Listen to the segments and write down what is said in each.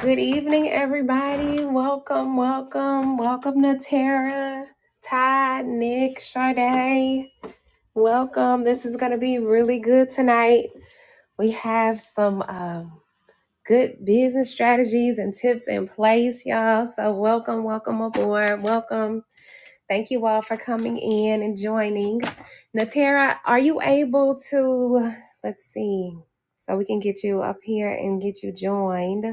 Good evening, everybody. Welcome, welcome, welcome to Tara, Todd, Nick, Sade. Welcome. This is going to be really good tonight. We have some um, good business strategies and tips in place, y'all. So, welcome, welcome aboard. Welcome. Thank you all for coming in and joining. Natera, are you able to? Let's see. So, we can get you up here and get you joined.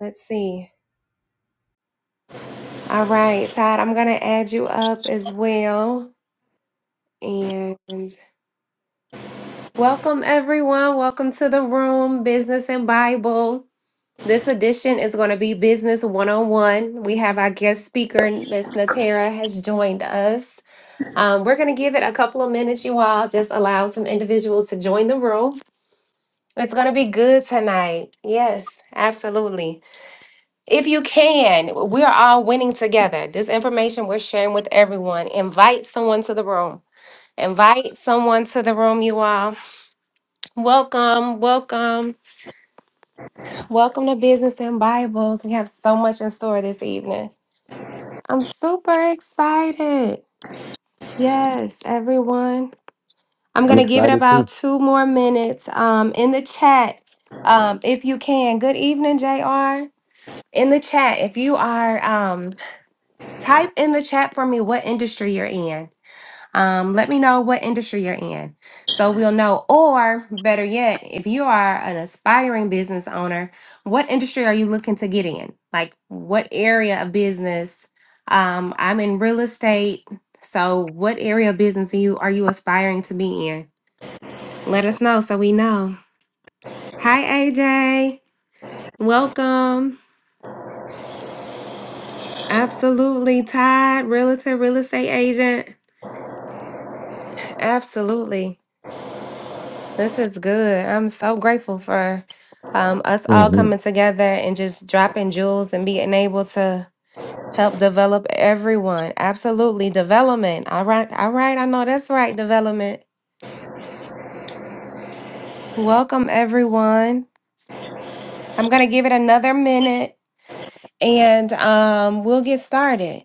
Let's see. All right, Todd, I'm going to add you up as well. And welcome, everyone. Welcome to the room, Business and Bible. This edition is going to be Business 101. We have our guest speaker, Miss Natera, has joined us. Um, we're going to give it a couple of minutes, you all. Just allow some individuals to join the room. It's going to be good tonight. Yes, absolutely. If you can, we are all winning together. This information we're sharing with everyone. Invite someone to the room. Invite someone to the room, you all. Welcome, welcome, welcome to Business and Bibles. We have so much in store this evening. I'm super excited. Yes, everyone. I'm I'm going to give it excited too. about two more minutes um, in the chat um, if you can. Good evening, JR. In the chat, if you are. Um, type in the chat for me what industry you're in. Um, let me know what industry you're in so we'll know. Or better yet, if you are an aspiring business owner, what industry are you looking to get in? Like, what area of business? Um, I'm in real estate. So, what area of business are you, are you aspiring to be in? Let us know so we know. Hi, AJ. Welcome. Absolutely. Todd, realtor, real estate agent. Absolutely. This is good. I'm so grateful for um, us all hmm coming together and just dropping jewels and being able to help develop everyone. Absolutely. Development. All right. All right. I know that's right. Development. Welcome, everyone. I'm going to give it another minute and um, we'll get started.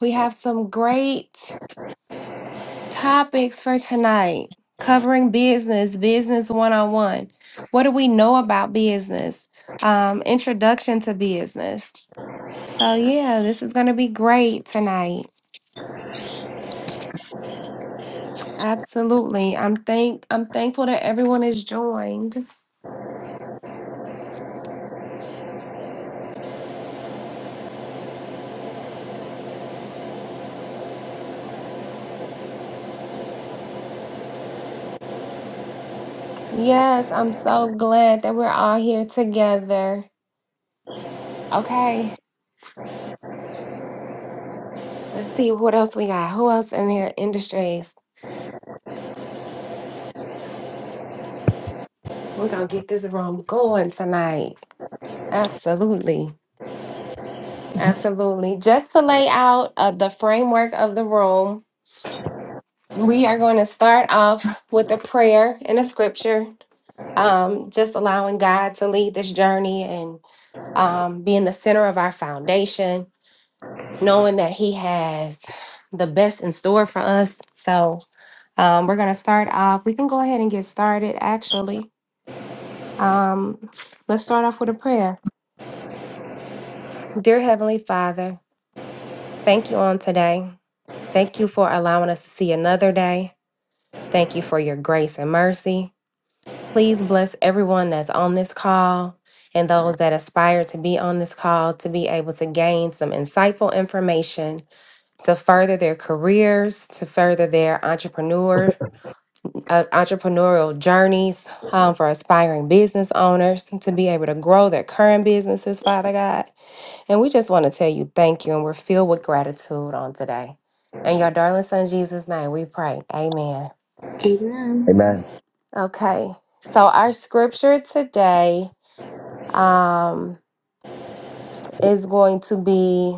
We have some great Topics for tonight covering business, business one on one. What do we know about business? Um, introduction to business. So yeah, this is gonna be great tonight. Absolutely. I'm thank I'm thankful that everyone is joined. Yes, I'm so glad that we're all here together. Okay, let's see what else we got. Who else in here? Industries. We're gonna get this room going tonight. Absolutely. Absolutely. Just to lay out uh, the framework of the room, we are going to start off with a prayer and a scripture, um, just allowing God to lead this journey and um, being the center of our foundation, knowing that He has the best in store for us. So um, we're going to start off. We can go ahead and get started, actually. Um, let's start off with a prayer. Dear Heavenly Father, thank you on today. Thank you for allowing us to see another day. Thank you for your grace and mercy. Please bless everyone that's on this call and those that aspire to be on this call to be able to gain some insightful information to further their careers, to further their entrepreneur uh, entrepreneurial journeys um, for aspiring business owners to be able to grow their current businesses, Father God. And we just want to tell you thank you and we're filled with gratitude on today. In your darling son Jesus' name, we pray. Amen. Amen. Amen. Okay. So our scripture today um, is going to be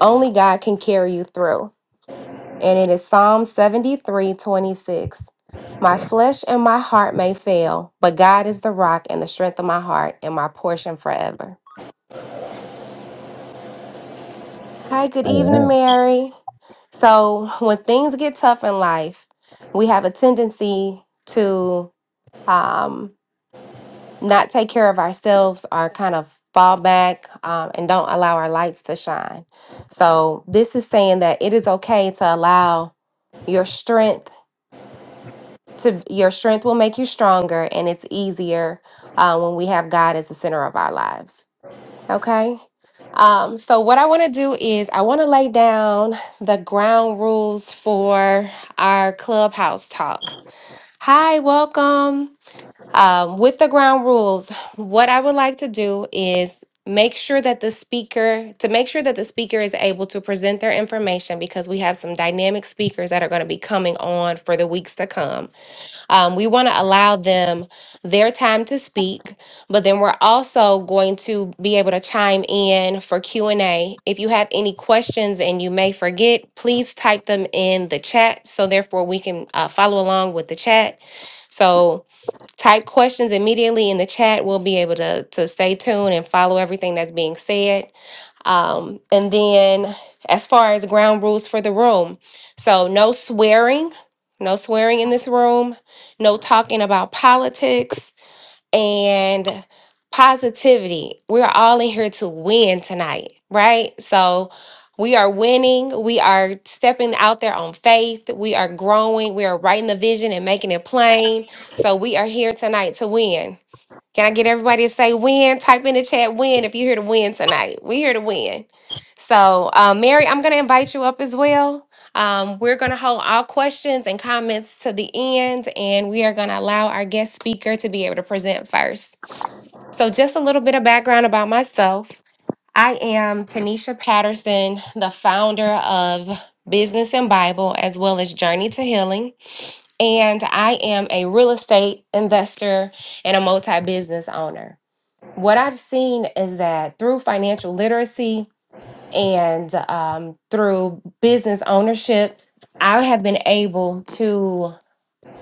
only God can carry you through. And it is Psalm 73 26. My flesh and my heart may fail, but God is the rock and the strength of my heart and my portion forever. Hi, good evening, Amen. Mary. So when things get tough in life, we have a tendency to um, not take care of ourselves or kind of fall back um, and don't allow our lights to shine. So this is saying that it is okay to allow your strength to your strength will make you stronger and it's easier uh, when we have God as the center of our lives. Okay. Um, so what I want to do is I want to lay down the ground rules for our clubhouse talk. Hi, welcome. Um, with the ground rules, what I would like to do is make sure that the speaker to make sure that the speaker is able to present their information because we have some dynamic speakers that are going to be coming on for the weeks to come um, we want to allow them their time to speak but then we're also going to be able to chime in for q&a if you have any questions and you may forget please type them in the chat so therefore we can uh, follow along with the chat so type questions immediately in the chat. We'll be able to to stay tuned and follow everything that's being said. Um, and then, as far as ground rules for the room, so no swearing, no swearing in this room, no talking about politics and positivity. We're all in here to win tonight, right? So we are winning. We are stepping out there on faith. We are growing. We are writing the vision and making it plain. So we are here tonight to win. Can I get everybody to say win? Type in the chat win if you're here to win tonight. We're here to win. So, uh, Mary, I'm going to invite you up as well. Um, we're going to hold all questions and comments to the end, and we are going to allow our guest speaker to be able to present first. So, just a little bit of background about myself. I am Tanisha Patterson, the founder of Business and Bible, as well as Journey to Healing and I am a real estate investor and a multi business owner. What I've seen is that through financial literacy and um, through business ownership, I have been able to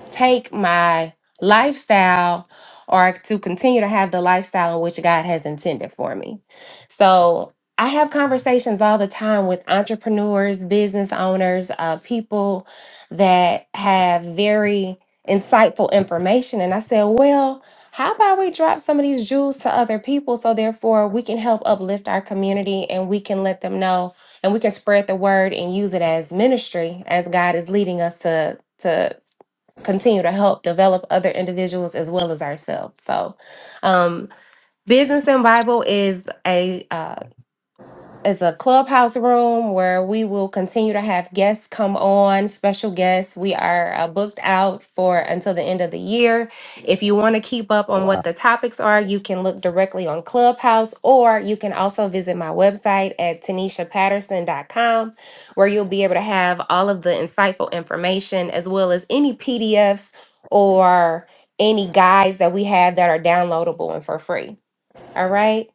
take my lifestyle or to continue to have the lifestyle in which God has intended for me. So I have conversations all the time with entrepreneurs, business owners, uh, people that have very insightful information. And I said, well, how about we drop some of these jewels to other people so therefore we can help uplift our community and we can let them know and we can spread the word and use it as ministry as God is leading us to to continue to help develop other individuals as well as ourselves. So, um, Business and Bible is a uh, it's a clubhouse room where we will continue to have guests come on, special guests. We are uh, booked out for until the end of the year. If you want to keep up on Wow. what the topics are, you can look directly on Clubhouse or you can also visit my website at tanishapatterson.com where you'll be able to have all of the insightful information as well as any PDFs or any guides that we have that are downloadable and for free. All right.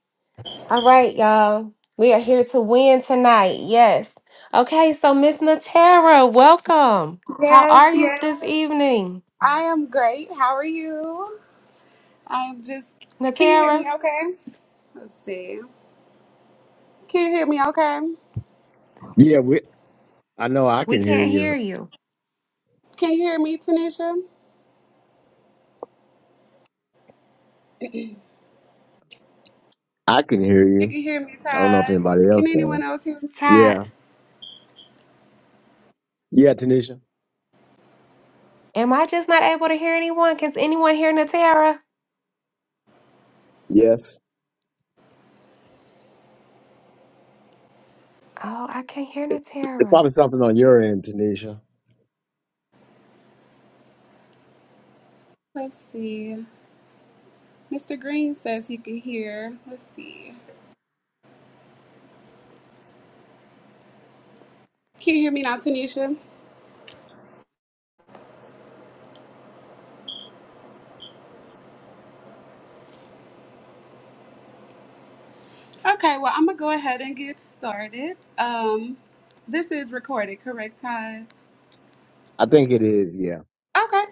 All right, y'all. We are here to win tonight. Yes. Okay, so Miss Natera, welcome. How Yes, are you yes. this evening? I am great. How are you? I am just. Can you hear Natera, me okay? Let's see. Can you hear me okay? Yeah, we, I know I we can hear can't hear you. you. Can you hear me, Tanisha? I can hear You you. can hear me, I don't know if Todd. anybody Can else anyone can. else hear me? Todd, Yeah. Yeah, Tanisha. am I just not able to hear anyone? Can anyone hear Natera? Yes. Oh, I can't hear It- It's Natera. probably something on your end, Tanisha. Let's see. Mr. Green says he can hear. Let's see. Can you hear me now, Tanisha? Okay, well, I'm going to go ahead and get started. Um, This is recorded, correct, Todd? I think it is, yeah. Okay.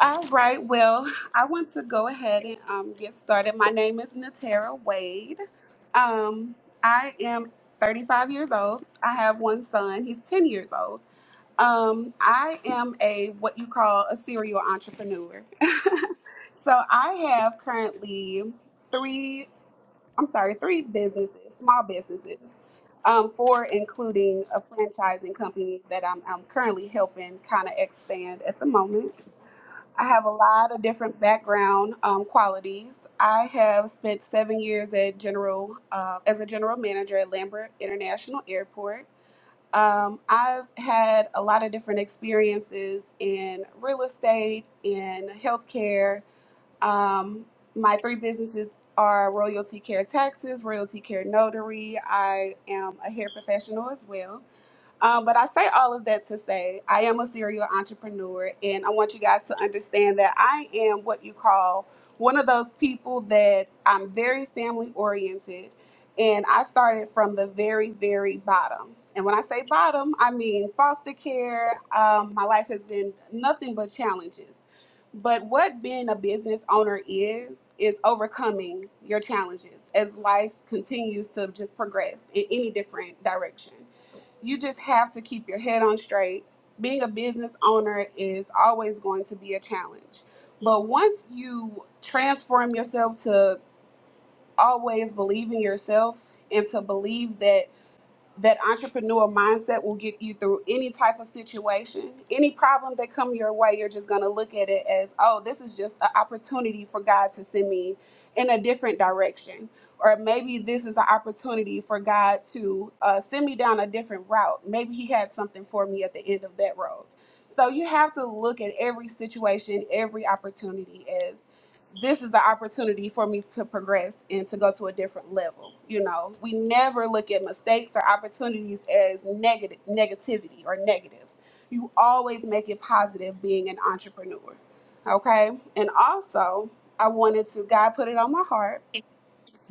All right, well, I want to go ahead and um, get started. My name is Natera Wade. Um, I am 35 years old. I have one son, he's 10 years old. Um, I am a what you call a serial entrepreneur. so I have currently three, I'm sorry, three businesses, small businesses, um, four including a franchising company that I'm, I'm currently helping kind of expand at the moment. I have a lot of different background um, qualities. I have spent seven years at general uh, as a general manager at Lambert International Airport. Um, I've had a lot of different experiences in real estate, in healthcare. Um, my three businesses are Royalty Care Taxes, Royalty Care Notary. I am a hair professional as well. Um, but I say all of that to say I am a serial entrepreneur, and I want you guys to understand that I am what you call one of those people that I'm very family oriented, and I started from the very, very bottom. And when I say bottom, I mean foster care. Um, my life has been nothing but challenges. But what being a business owner is, is overcoming your challenges as life continues to just progress in any different direction you just have to keep your head on straight. Being a business owner is always going to be a challenge. But once you transform yourself to always believe in yourself and to believe that that entrepreneur mindset will get you through any type of situation any problem that come your way you're just going to look at it as oh this is just an opportunity for god to send me in a different direction or maybe this is an opportunity for god to uh, send me down a different route maybe he had something for me at the end of that road so you have to look at every situation every opportunity as this is the opportunity for me to progress and to go to a different level. You know, we never look at mistakes or opportunities as negative negativity or negative. You always make it positive being an entrepreneur. Okay? And also, I wanted to God put it on my heart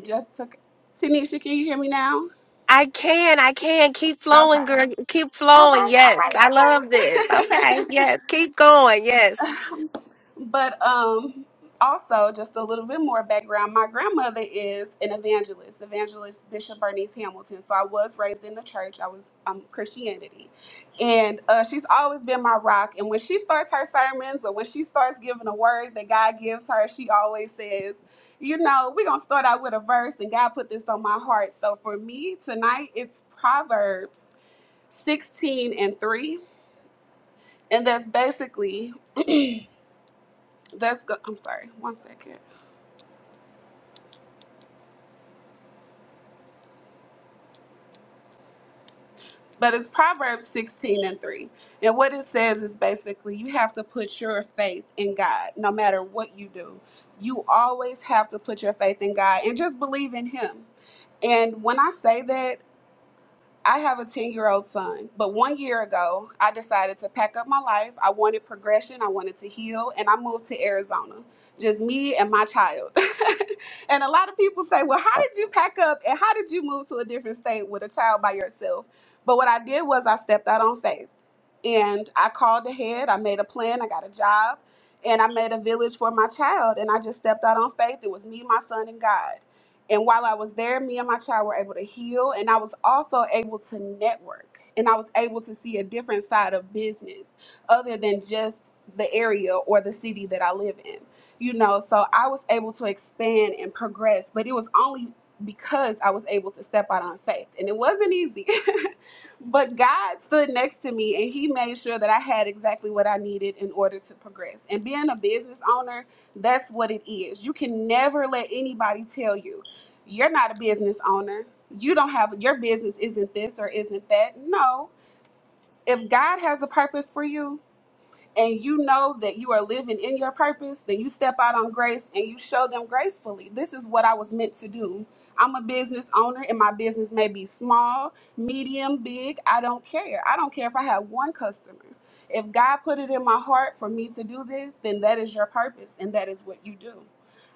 just took Tanisha, can you hear me now? I can, I can. Keep Okay. flowing, girl. Keep All flowing. right. All Yes. I love this. right. Okay. Okay. Yes. Keep going. Yes. But um, also, just a little bit more background. My grandmother is an evangelist, evangelist Bishop Bernice Hamilton. So I was raised in the church. I was um, Christianity, and uh, she's always been my rock. And when she starts her sermons, or when she starts giving a word that God gives her, she always says. You know, we're going to start out with a verse, and God put this on my heart. So for me tonight, it's Proverbs 16 and 3. And that's basically, that's, go- I'm sorry, one second. but it's Proverbs 16 and 3. And what it says is basically you have to put your faith in God no matter what you do. You always have to put your faith in God and just believe in Him. And when I say that, I have a 10 year old son, but one year ago, I decided to pack up my life. I wanted progression, I wanted to heal, and I moved to Arizona. Just me and my child. and a lot of people say, Well, how did you pack up and how did you move to a different state with a child by yourself? But what I did was I stepped out on faith and I called ahead, I made a plan, I got a job, and I made a village for my child. And I just stepped out on faith. It was me, my son, and God. And while I was there, me and my child were able to heal, and I was also able to network. And I was able to see a different side of business other than just the area or the city that I live in. You know, so I was able to expand and progress, but it was only because I was able to step out on faith. And it wasn't easy. but God stood next to me and He made sure that I had exactly what I needed in order to progress. And being a business owner, that's what it is. You can never let anybody tell you you're not a business owner. You don't have your business isn't this or isn't that. No. If God has a purpose for you, and you know that you are living in your purpose, then you step out on grace and you show them gracefully. This is what I was meant to do. I'm a business owner and my business may be small, medium, big. I don't care. I don't care if I have one customer. If God put it in my heart for me to do this, then that is your purpose and that is what you do.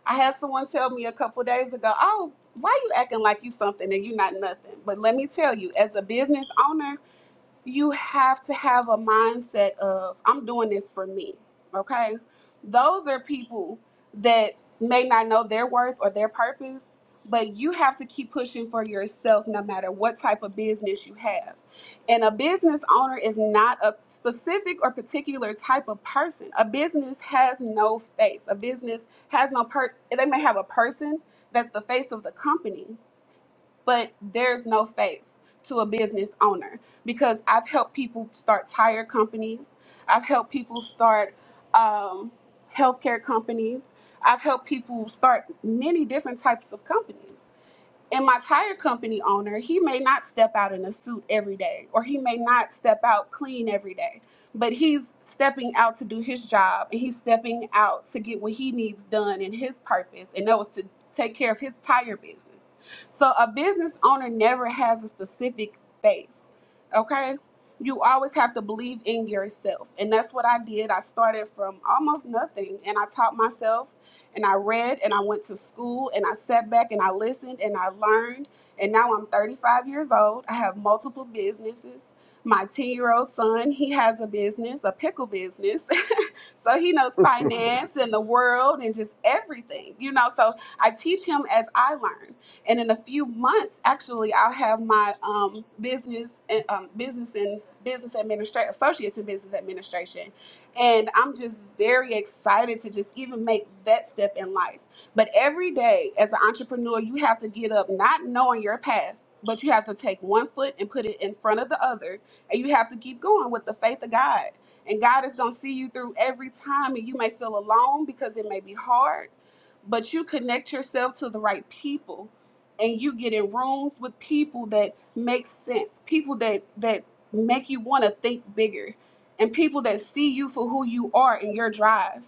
I had someone tell me a couple days ago, "Oh, why you acting like you something and you not nothing?" But let me tell you, as a business owner, you have to have a mindset of I'm doing this for me. Okay? Those are people that may not know their worth or their purpose, but you have to keep pushing for yourself no matter what type of business you have. And a business owner is not a specific or particular type of person. A business has no face. A business has no per they may have a person that's the face of the company, but there's no face to a business owner because I've helped people start tire companies. I've helped people start um, healthcare companies. I've helped people start many different types of companies. And my tire company owner, he may not step out in a suit every day, or he may not step out clean every day, but he's stepping out to do his job and he's stepping out to get what he needs done in his purpose, and that was to take care of his tire business. So a business owner never has a specific face, okay? You always have to believe in yourself. And that's what I did. I started from almost nothing and I taught myself and I read and I went to school and I sat back and I listened and I learned. And now I'm 35 years old. I have multiple businesses. My 10 year old son, he has a business, a pickle business. so he knows finance and the world and just everything, you know. So I teach him as I learn. And in a few months, actually, I'll have my um, business, and, um, business and business administration, associates in business administration and I'm just very excited to just even make that step in life. But every day as an entrepreneur, you have to get up not knowing your path, but you have to take one foot and put it in front of the other. And you have to keep going with the faith of God. And God is going to see you through every time. And you may feel alone because it may be hard, but you connect yourself to the right people and you get in rooms with people that make sense, people that, that make you want to think bigger and people that see you for who you are and your drive.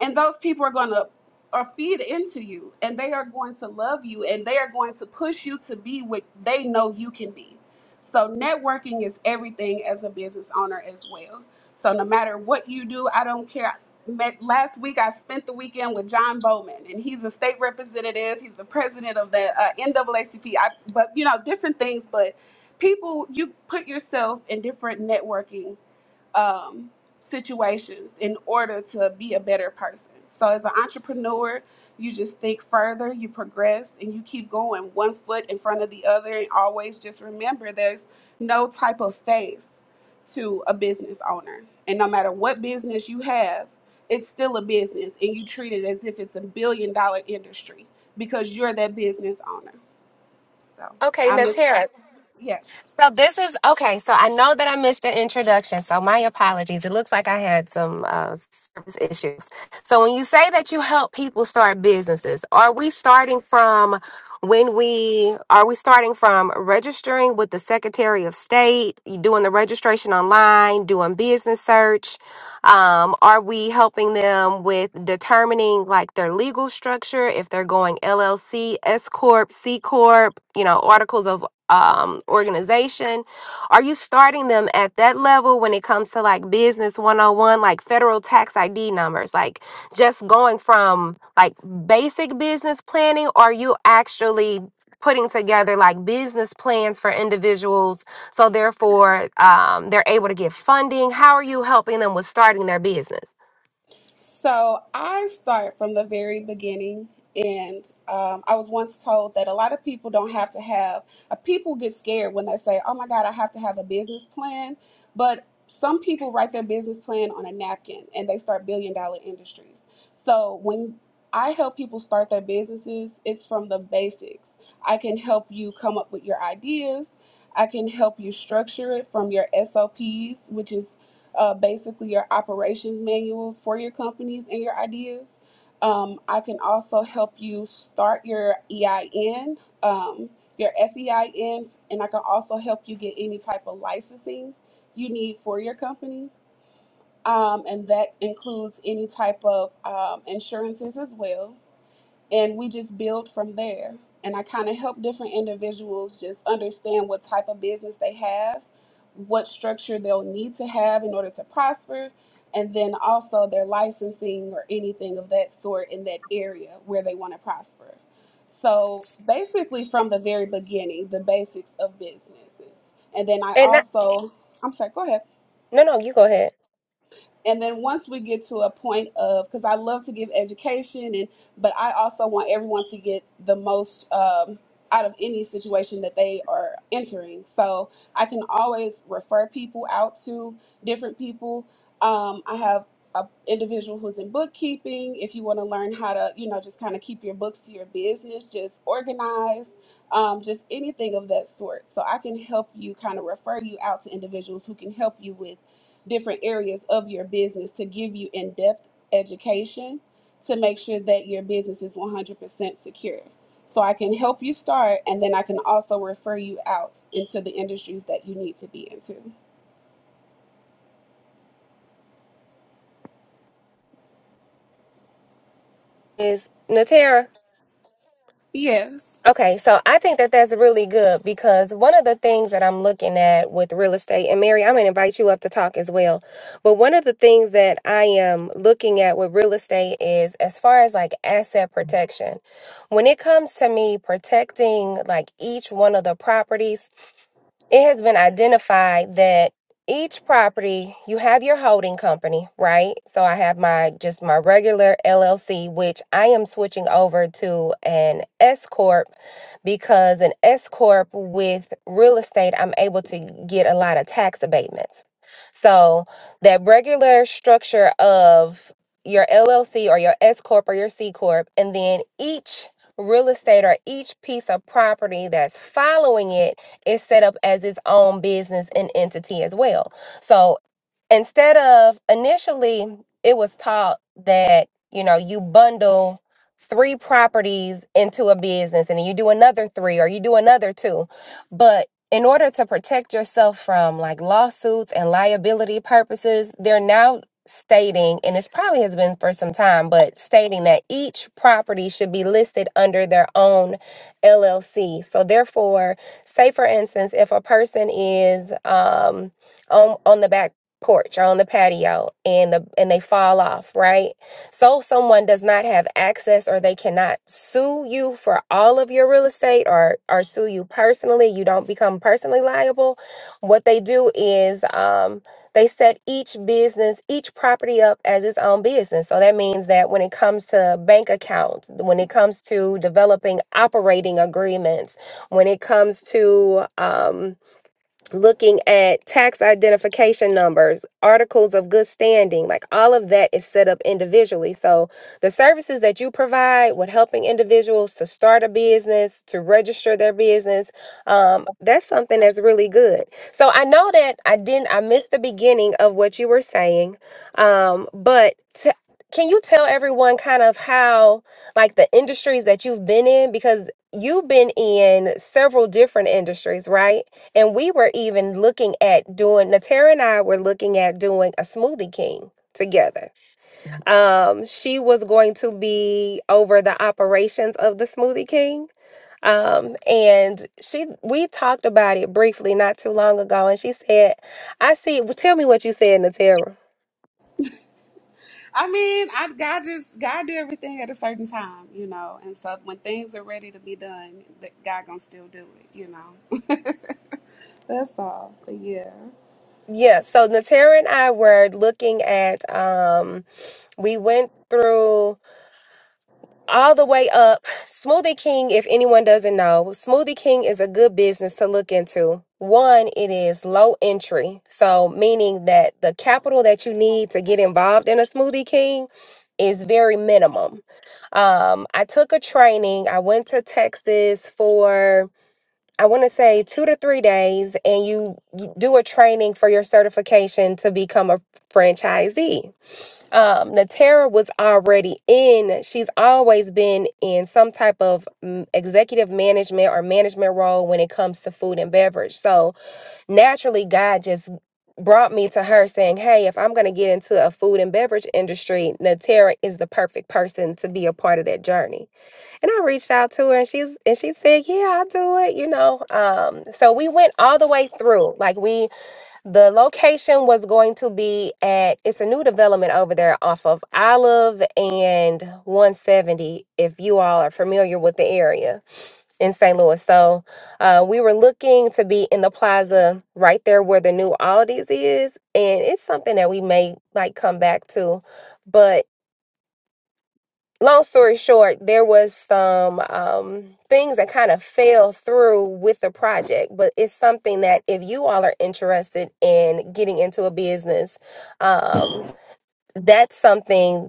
And those people are going to are feed into you and they are going to love you and they are going to push you to be what they know you can be. So networking is everything as a business owner as well. So no matter what you do, I don't care. Met, last week I spent the weekend with John Bowman and he's a state representative. He's the president of the uh, NAACP. I, but you know different things. But people, you put yourself in different networking um, situations in order to be a better person. So, as an entrepreneur, you just think further, you progress, and you keep going one foot in front of the other. And always just remember there's no type of face to a business owner. And no matter what business you have, it's still a business, and you treat it as if it's a billion dollar industry because you're that business owner. So, Okay, I'm the, Natera. yeah. So this is okay. So I know that I missed the introduction. So my apologies. It looks like I had some uh, service issues. So when you say that you help people start businesses, are we starting from when we are we starting from registering with the Secretary of State, you doing the registration online, doing business search? Um, are we helping them with determining like their legal structure if they're going LLC, S corp, C corp, you know, articles of um, organization? Are you starting them at that level when it comes to like business 101, like federal tax ID numbers? Like just going from like basic business planning, or are you actually putting together like business plans for individuals so therefore um, they're able to get funding? How are you helping them with starting their business? So I start from the very beginning, and um, I was once told that a lot of people don't have to have. Uh, people get scared when they say, "Oh my God, I have to have a business plan," but some people write their business plan on a napkin and they start billion dollar industries. So when I help people start their businesses, it's from the basics. I can help you come up with your ideas. I can help you structure it from your SOPs, which is uh, basically your operations manuals for your companies and your ideas. Um, I can also help you start your EIN, um, your FEIN, and I can also help you get any type of licensing you need for your company. Um, and that includes any type of um, insurances as well and we just build from there. And I kind of help different individuals just understand what type of business they have, what structure they'll need to have in order to prosper, and then also their licensing or anything of that sort in that area where they want to prosper. So basically, from the very beginning, the basics of businesses. And then I And not, also, I'm sorry, go ahead no, no, you go ahead. and then once we get to a point of because i love to give education and but i also want everyone to get the most um, out of any situation that they are entering so i can always refer people out to different people um, i have a individual who's in bookkeeping if you want to learn how to you know just kind of keep your books to your business just organize um, just anything of that sort so i can help you kind of refer you out to individuals who can help you with different areas of your business to give you in-depth education to make sure that your business is 100% secure. So I can help you start and then I can also refer you out into the industries that you need to be into. Is Natera? Yes. Okay, so I think that that's really good because one of the things that I'm looking at with real estate, and Mary, I'm going to invite you up to talk as well. But one of the things that I am looking at with real estate is as far as like asset protection. When it comes to me protecting like each one of the properties, it has been identified that each property you have your holding company right so i have my just my regular llc which i am switching over to an s corp because an S corp with real estate, I'm able to get a lot of tax abatements. So that regular structure of your LLC or your S corp or your C corp, and then each real estate or each piece of property that's following it is set up as its own business and entity as well. So instead of initially it was taught that you know you bundle three properties into a business and then you do another three or you do another two but in order to protect yourself from like lawsuits and liability purposes they're now stating and it's probably has been for some time but stating that each property should be listed under their own LLC so therefore say for instance if a person is um on on the back porch or on the patio and the and they fall off, right? So someone does not have access or they cannot sue you for all of your real estate or or sue you personally. You don't become personally liable. What they do is um they set each business, each property up as its own business. So that means that when it comes to bank accounts, when it comes to developing operating agreements, when it comes to um, looking at tax identification numbers, articles of good standing, like all of that is set up individually. So the services that you provide with helping individuals to start a business, to register their business, um, that's something that's really good. So I know that I didn't, I missed the beginning of what you were saying, um, but t- can you tell everyone kind of how, like the industries that you've been in? Because you've been in several different industries, right? And we were even looking at doing, Natera and I were looking at doing a Smoothie King together. Um, she was going to be over the operations of the Smoothie King. Um, and she, we talked about it briefly not too long ago. And she said, I see, well, tell me what you said, Natera. I mean, I God just God do everything at a certain time, you know. And so when things are ready to be done, that God gonna still do it, you know. That's all. But yeah. Yeah. So Natera and I were looking at, um, we went through all the way up. Smoothie King, if anyone doesn't know, Smoothie King is a good business to look into. One, it is low entry. So, meaning that the capital that you need to get involved in a Smoothie King is very minimum. Um, I took a training. I went to Texas for I want to say 2 to 3 days and you, you do a training for your certification to become a franchisee um Natera was already in she's always been in some type of mm, executive management or management role when it comes to food and beverage so naturally God just brought me to her saying hey if I'm going to get into a food and beverage industry Natera is the perfect person to be a part of that journey and I reached out to her and she's and she said yeah I'll do it you know um so we went all the way through like we the location was going to be at it's a new development over there off of Olive and 170, if you all are familiar with the area in St. Louis. So uh, we were looking to be in the plaza right there where the new Aldi's is. And it's something that we may like come back to. but long story short, there was some um, things that kind of fell through with the project, but it's something that if you all are interested in getting into a business, um, that's something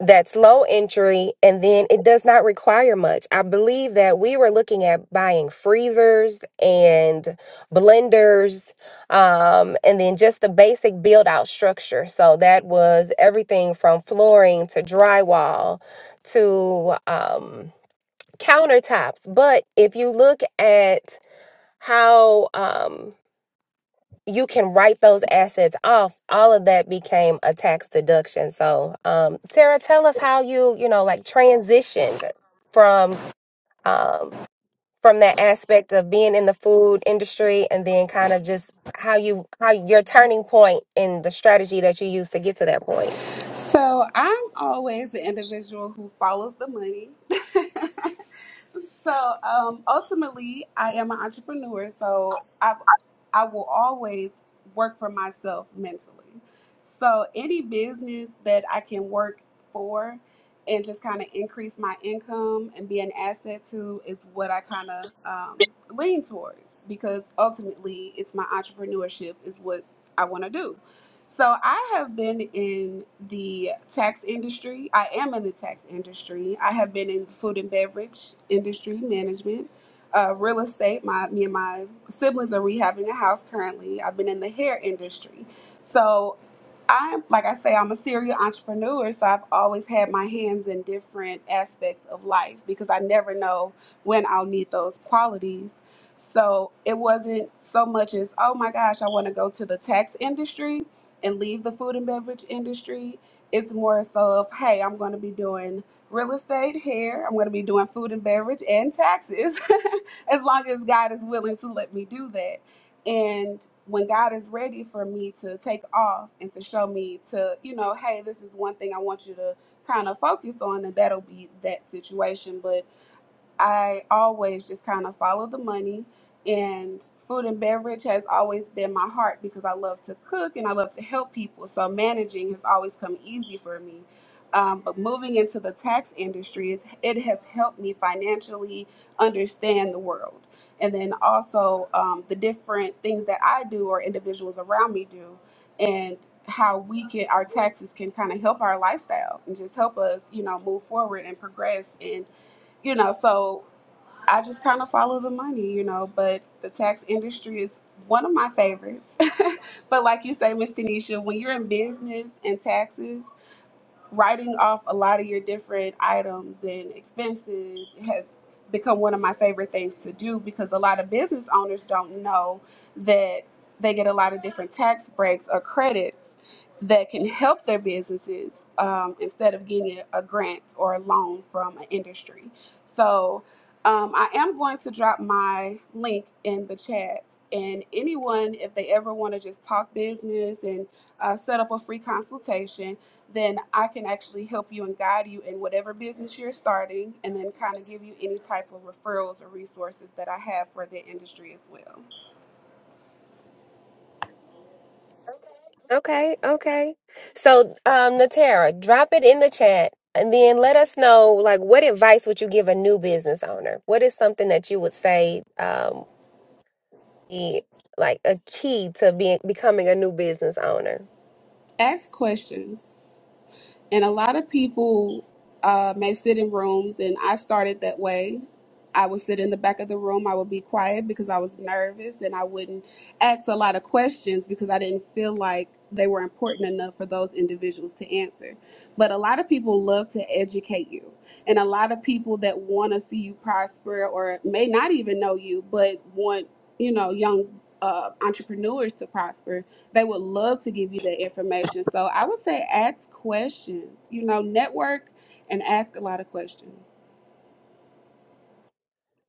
that's low entry and then it does not require much. I believe that we were looking at buying freezers and blenders um, and then just the basic build out structure. So that was everything from flooring to drywall to um, countertops. But if you look at how, um, you can write those assets off all of that became a tax deduction so um tara tell us how you you know like transitioned from um from that aspect of being in the food industry and then kind of just how you how your turning point in the strategy that you used to get to that point So I'm always the individual who follows the money. So um, ultimately, I am an entrepreneur. So I I will always work for myself mentally. So any business that I can work for and just kind of increase my income and be an asset to is what I kind of um, lean towards because ultimately it's my entrepreneurship is what I want to do. So I have been in the tax industry. I am in the tax industry. I have been in the food and beverage industry, management, uh, real estate. My me and my siblings are rehabbing a house currently. I've been in the hair industry. So I'm like I say, I'm a serial entrepreneur. So I've always had my hands in different aspects of life because I never know when I'll need those qualities. So it wasn't so much as, oh my gosh, I want to go to the tax industry and leave the food and beverage industry. It's more so of, hey, I'm going to be doing real estate here. I'm going to be doing food and beverage and taxes as long as God is willing to let me do that. And when God is ready for me to take off and to show me to, you know, hey, this is one thing I want you to kind of focus on, and that'll be that situation. But I always just kind of follow the money. And food and beverage has always been my heart because I love to cook and I love to help people. So managing has always come easy for me. Um, but moving into the tax industry, is, it has helped me financially understand the world. And then also um, the different things that I do or individuals around me do, and how we can, our taxes can kind of help our lifestyle and just help us, you know, move forward and progress and you know so I just kind of follow the money, you know, but the tax industry is one of my favorites. but like you say, Miss Tanisha, when you're in business and taxes, writing off a lot of your different items and expenses has become one of my favorite things to do because a lot of business owners don't know that they get a lot of different tax breaks or credits that can help their businesses um, instead of getting a a grant or a loan from an industry. So um, I am going to drop my link in the chat. And anyone, if they ever want to just talk business and uh, set up a free consultation, then I can actually help you and guide you in whatever business you're starting and then kind of give you any type of referrals or resources that I have for the industry as well. okay okay so um natara drop it in the chat and then let us know like what advice would you give a new business owner what is something that you would say um, be like a key to being becoming a new business owner. Ask questions. And a lot of people uh, may sit in rooms, and I started that way. I would sit in the back of the room. I would be quiet because I was nervous and I wouldn't ask a lot of questions because I didn't feel like they were important enough for those individuals to answer. But a lot of people love to educate you, and a lot of people that want to see you prosper or may not even know you, but want, you know, young uh, entrepreneurs to prosper they would love to give you that information. So I would say ask questions. You know, network and ask a lot of questions.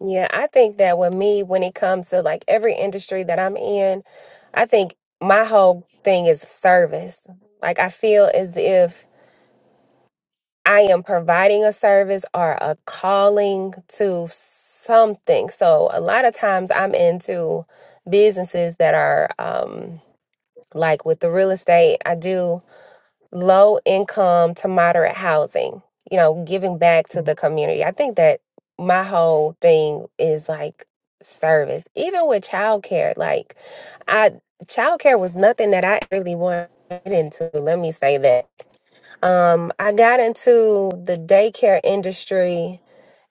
Yeah, I think that with me, when it comes to like every industry that I'm in, I think my whole thing is service. Like I feel as if I am providing a service or a calling to something. So a lot of times I'm into businesses that are um like with the real estate, I do low income to moderate housing, you know, giving back to the community. I think that my whole thing is like service, even with childcare. Like, I childcare was nothing that I really wanted to get into. Let me say that. Um, I got into the daycare industry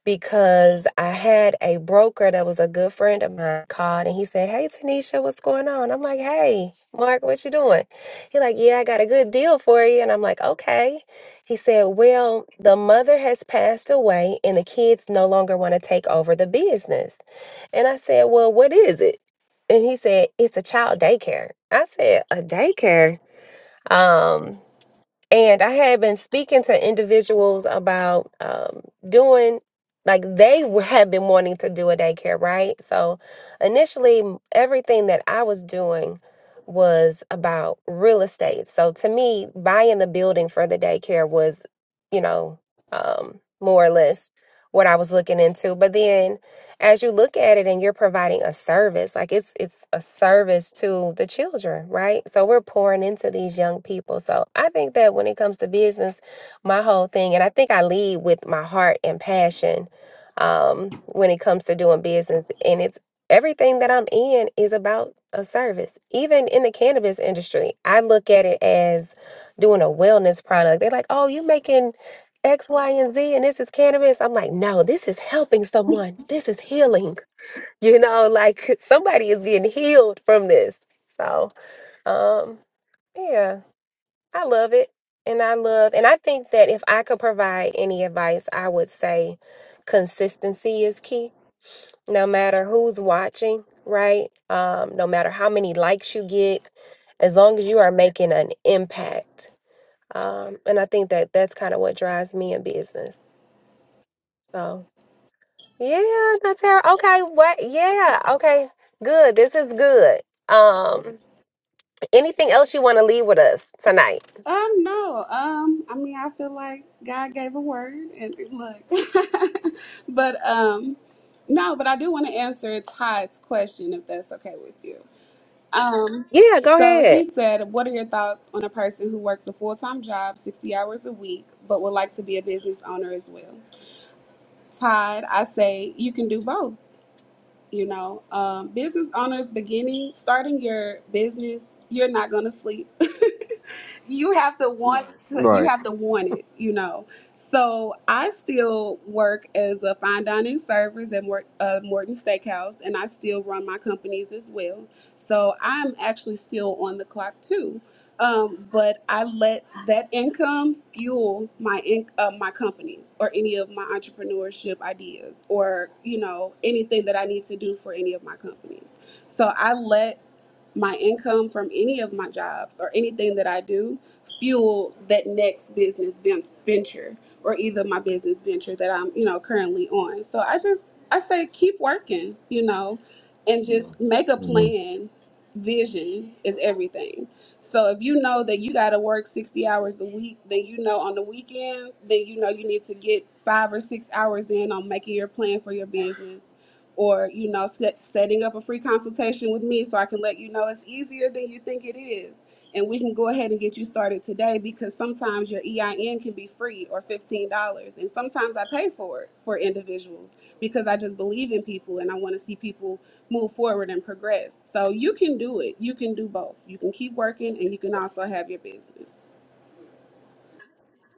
because I had a broker that was a good friend of mine called and he said, Hey Tanisha, what's going on? I'm like, Hey, Mark, what you doing? He like, Yeah, I got a good deal for you. And I'm like, Okay. He said, Well, the mother has passed away and the kids no longer want to take over the business. And I said, Well, what is it? And he said, It's a child daycare. I said, A daycare? Um, and I had been speaking to individuals about um, doing, like they w- had been wanting to do a daycare, right? So initially, m- everything that I was doing was about real estate. So to me, buying the building for the daycare was, you know, um, more or less what I was looking into. But then as you look at it and you're providing a service like it's it's a service to the children right so we're pouring into these young people so i think that when it comes to business my whole thing and i think i lead with my heart and passion um when it comes to doing business and it's everything that i'm in is about a service even in the cannabis industry i look at it as doing a wellness product they're like oh you making X, Y, and Z, and this is cannabis. I'm like, no, this is helping someone. This is healing. You know, like somebody is getting healed from this. So, um, yeah, I love it. And I love, and I think that if I could provide any advice, I would say consistency is key, no matter who's watching, right? Um, no matter how many likes you get, as long as you are making an impact. Um, and I think that that's kind of what drives me in business. So, Yeah, Natara. Okay, what? Yeah, okay. Good. This is good. Um, anything else you want to leave with us tonight? Um, no. Um, I mean, I feel like God gave a word, and look, but um, no. But I do want to answer Todd's question if that's okay with you. Um, Yeah, go so ahead. he said, "What are your thoughts on a person who works a full-time job, sixty hours a week, but would like to be a business owner as well?" Todd, I say you can do both. you know um, business owners beginning starting your business you're not going to sleep you have to want to, you Right. have to want it, you know. So I still work as a fine dining service at Mort, uh, Morton Steakhouse, and I still run my companies as well. So I'm actually still on the clock too, um, but I let that income fuel my in, uh, my companies or any of my entrepreneurship ideas or you know anything that I need to do for any of my companies. So I let my income from any of my jobs or anything that I do fuel that next business ven- venture or either my business venture that I'm, you know, currently on. So I just I say keep working, you know, and just make a hmm plan. Vision is everything. So if you know that you got to work 60 hours a week, then you know on the weekends, then you know you need to get 5 or 6 hours in on making your plan for your business or you know set, setting up a free consultation with me so i can let you know it's easier than you think it is and we can go ahead and get you started today because sometimes your ein can be free or $15 and sometimes i pay for it for individuals because i just believe in people and i want to see people move forward and progress so you can do it you can do both you can keep working and you can also have your business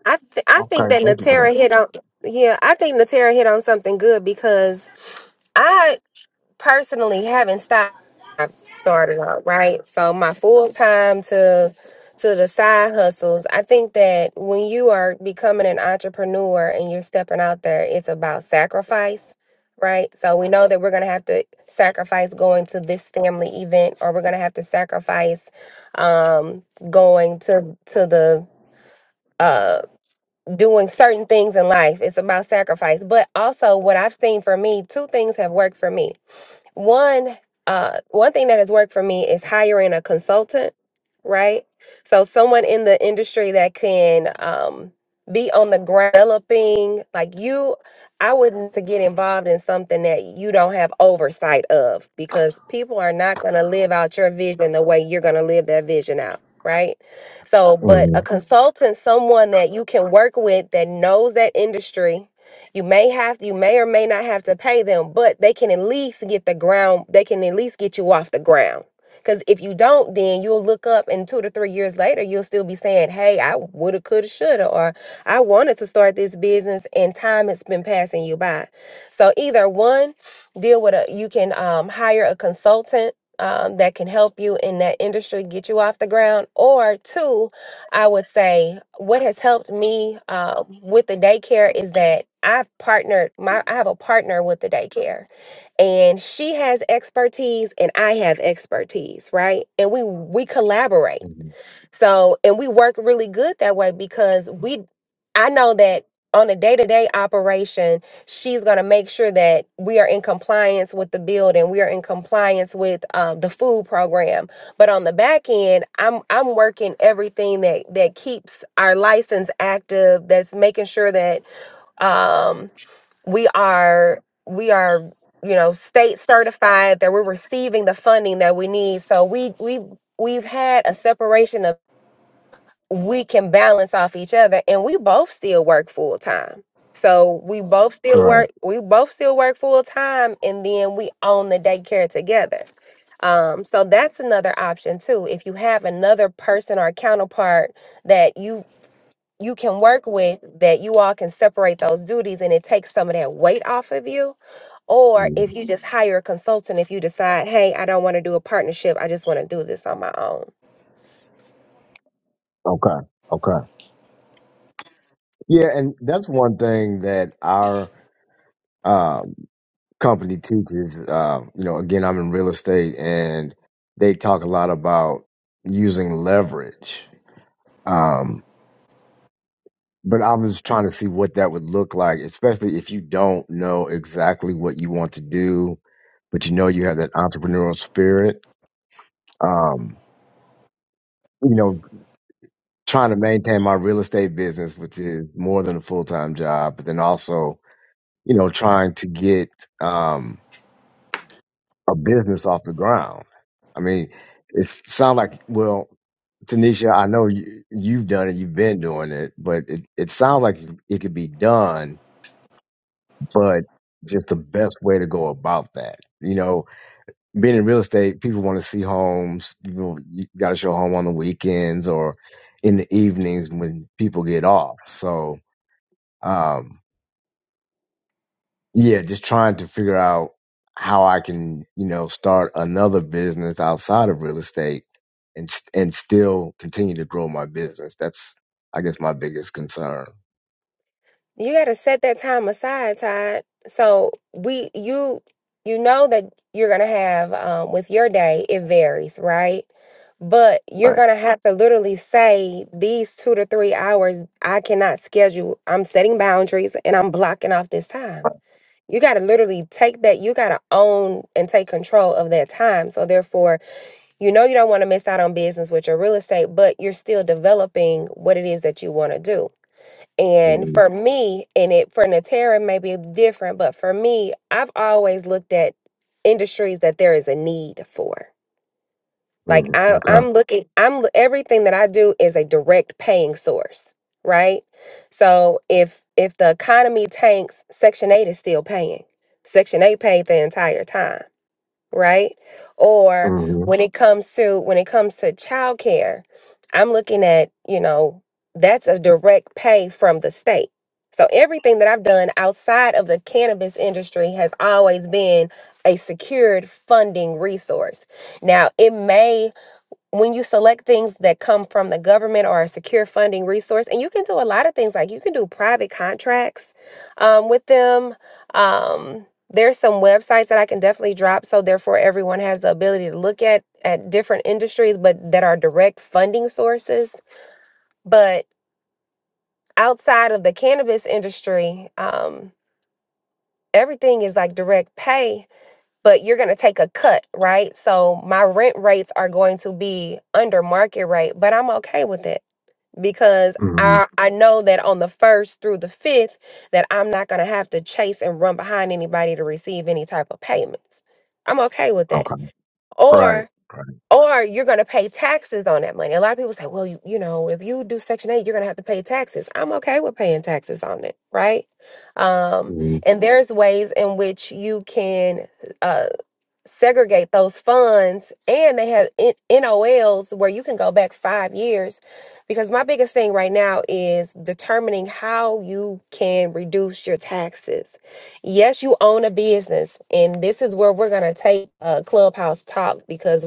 I th- I think Okay. that Thank you for that. Natara hit on yeah, I think Natara hit on something good because personally haven't stopped I started on, right? So my full time to to the side hustles, I think that when you are becoming an entrepreneur and you're stepping out there, it's about sacrifice, right? So we know that we're gonna have to sacrifice going to this family event or we're gonna have to sacrifice um going to to the uh doing certain things in life. It's about sacrifice. But also what I've seen for me, two things have worked for me one uh one thing that has worked for me is hiring a consultant, right? So someone in the industry that can um be on the ground developing like you I wouldn't to get involved in something that you don't have oversight of because people are not going to live out your vision the way you're going to live that vision out, right? So, but a Mm-hmm. consultant, someone that you can work with that knows that industry, you may have you may or may not have to pay them, but they can at least get the ground, they can at least get you off the ground. Cause if you don't, then you'll look up and two to three years later, you'll still be saying, Hey, I woulda, coulda, shoulda, or I wanted to start this business and time has been passing you by. So either one, deal with a you can um, hire a consultant um, that can help you in that industry, get you off the ground, or two, I would say what has helped me uh, with the daycare is that I've partnered my I have a partner with the daycare and she has expertise and I have expertise, right? And we we collaborate. So, and we work really good that way because we, I know that on a day to day operation, she's going to make sure that we are in compliance with the building, we are in compliance with um, the food program. But on the back end, I'm I'm working everything that that keeps our license active. That's making sure that um, we are we are you know state certified that we're receiving the funding that we need. So we we we've had a separation of we can balance off each other and we both still work full time. So we both still Wow. Right. work we both still work full time and then we own the daycare together. Um, so that's another option too. If you have another person or counterpart that you you can work with that you all can separate those duties and it takes some of that weight off of you. Or if Mhm. you just hire a consultant if you decide, hey, I don't want to do a partnership, I just want to do this on my own. Okay. Okay. Yeah, and that's one thing that our um company teaches, uh, you know, again, I'm in real estate and they talk a lot about using leverage. Um, but I was trying to see what that would look like, especially if you don't know exactly what you want to do, but you know you have that entrepreneurial spirit. Um, you know, trying to maintain my real estate business, which is more than a full time job, but then also, you know, trying to get, um, a business off the ground. I mean, it sounds like well, Tanisha, I know you, you've done it, you've been doing it, but it, it sounds like it could be done, but just the best way to go about that. You know, being in real estate, people want to see homes. You, know, you got to show a home on the weekends or in the evenings when people get off. So, um, yeah, just trying to figure out how I can, you know, start another business outside of real estate and st- and still continue to grow my business. That's I guess my biggest concern. You got to set that time aside, Todd. So we you you know that you're going to have um with your day it varies, right? But you're Right. going to have to literally say these 2 to 3 hours I cannot schedule. I'm setting boundaries and I'm blocking off this time. You got to literally take that you got to own and take control of that time. So therefore, you know you don't want to miss out on business with your real estate, but you're still developing what it is that you want to do. And Mm-hmm. for me, and it for Natera may be different, but for me, I've always looked at industries that there is a need for. Like Mm-hmm. I, Okay. I'm looking, I'm everything that I do is a direct paying source, right? So if if the economy tanks, Section Eight is still paying. Section Eight paid the entire time right? Or hmm when it comes to when it comes to childcare, I'm looking at, you know, that's a direct pay from the state. So everything that I've done outside of the cannabis industry has always been a secured funding resource. Now, it may when you select things that come from the government or a secure funding resource, and you can do a lot of things like you can do private contracts um, with them. Um, there's some websites that I can definitely drop, so therefore everyone has the ability to look at at different industries, but that are direct funding sources. But outside of the cannabis industry, um, everything is like direct pay, but you're going to take a cut, right? So my rent rates are going to be under market rate, but I'm okay with it because hmm I I know that on the first through the fifth that I'm not gonna have to chase and run behind anybody to receive any type of payments. I'm okay with that. Okay. Right. Or Right. or you're gonna pay taxes on that money. A lot of people say, well, you, you know, if you do Section Eight, you're gonna have to pay taxes. I'm okay with paying taxes on it, right? Um, hmm and there's ways in which you can uh segregate those funds and they have N- NOLs where you can go back 5 years because my biggest thing right now is determining how you can reduce your taxes. Yes, you own a business and this is where we're going to take uh, clubhouse talk because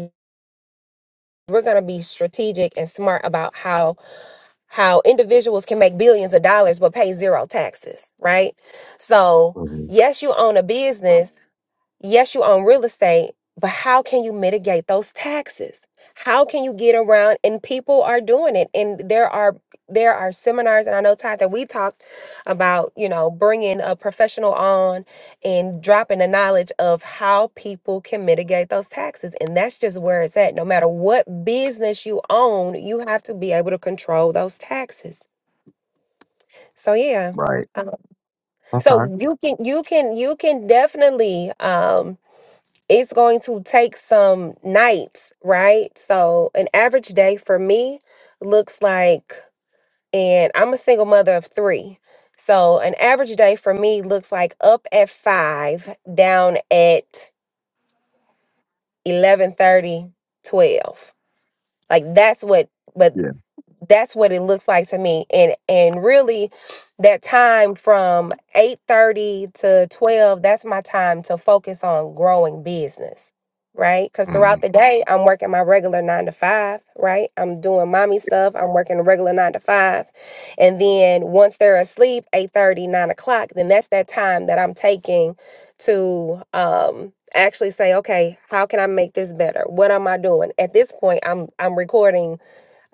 we're going to be strategic and smart about how how individuals can make billions of dollars but pay zero taxes, right? So, hmm yes, you own a business Yes, you own real estate, but how can you mitigate those taxes? How can you get around and people are doing it and there are there are seminars and I know Todd that we talked about, you know, bringing a professional on and dropping the knowledge of how people can mitigate those taxes and that's just where it's at. No matter what business you own, you have to be able to control those taxes. So yeah. Right. Um, Okay. so you can you can you can definitely um it's going to take some nights, right? So, an average day for me looks like, and I'm a single mother of three. So, an average day for me looks like up at five, down at eleven thirty, twelve. Like, that's what, but Yeah. that's what it looks like to me and and really that time from 8:30 to 12 that's my time to focus on growing business right cuz hmm throughout the day I'm working my regular 9 to 5 right I'm doing mommy stuff I'm working a regular 9 to 5 and then once they're asleep eight thirty, nine o'clock then that's that time that I'm taking to um actually say okay how can I make this better what am I doing at this point I'm I'm recording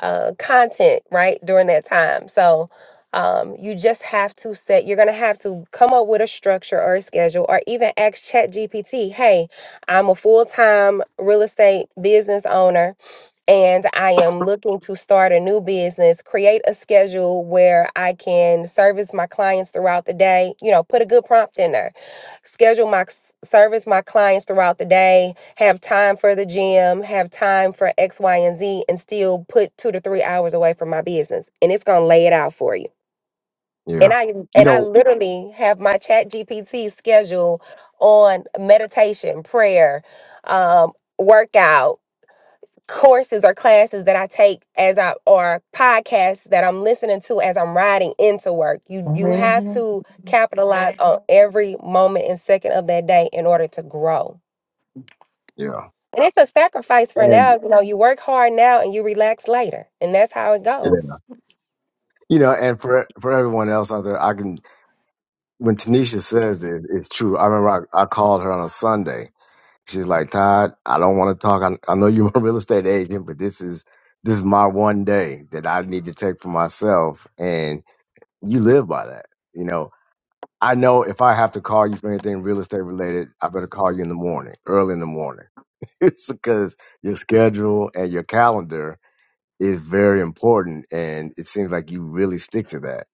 uh, content right during that time. So um, you just have to set. You're gonna have to come up with a structure or a schedule, or even ask Chat GPT, "Hey, I'm a full time real estate business owner and I am looking to start a new business, create a schedule where I can service my clients throughout the day, you know, put a good prompt in there, schedule my s- service my clients throughout the day, have time for the gym, have time for X, Y, and Z, and still put two to three hours away from my business. And it's gonna lay it out for you. Yeah. And I You and I know. literally have my chat GPT schedule on meditation, prayer, um, workout, courses or classes that I take as I or podcasts that I'm listening to as I'm riding into work. You you have Mhm. to capitalize on Mhm. every moment and second of that day in order to grow. Yeah. And it's a sacrifice for And now. You know, you work hard now and you relax later. And that's how it yeah. goes. you know, and for for everyone else out there, I can when Tanisha says it, it's true. I remember I, I called her on a Sunday She's like, Todd, I don't want to talk. I, I know you're a real estate agent, but this is this is my one day that I need to take for myself. And you live by that. You know, I know if I have to call you for anything real estate related, I better call you in the morning, early in the morning. it's because your schedule and your calendar is very important. And it seems like you really stick to that.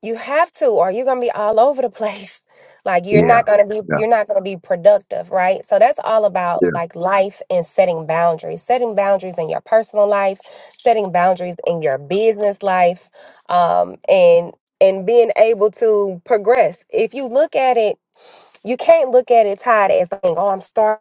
You have to, or you're gonna be all over the place. Like you're not Yeah. gonna be Yeah. you're not gonna be productive, right? So that's all about Yeah. like life and setting boundaries, setting boundaries in your personal life, setting boundaries in your business life, um, and and being able to progress. If you look at it you can't look at it tied as like, oh, I'm starting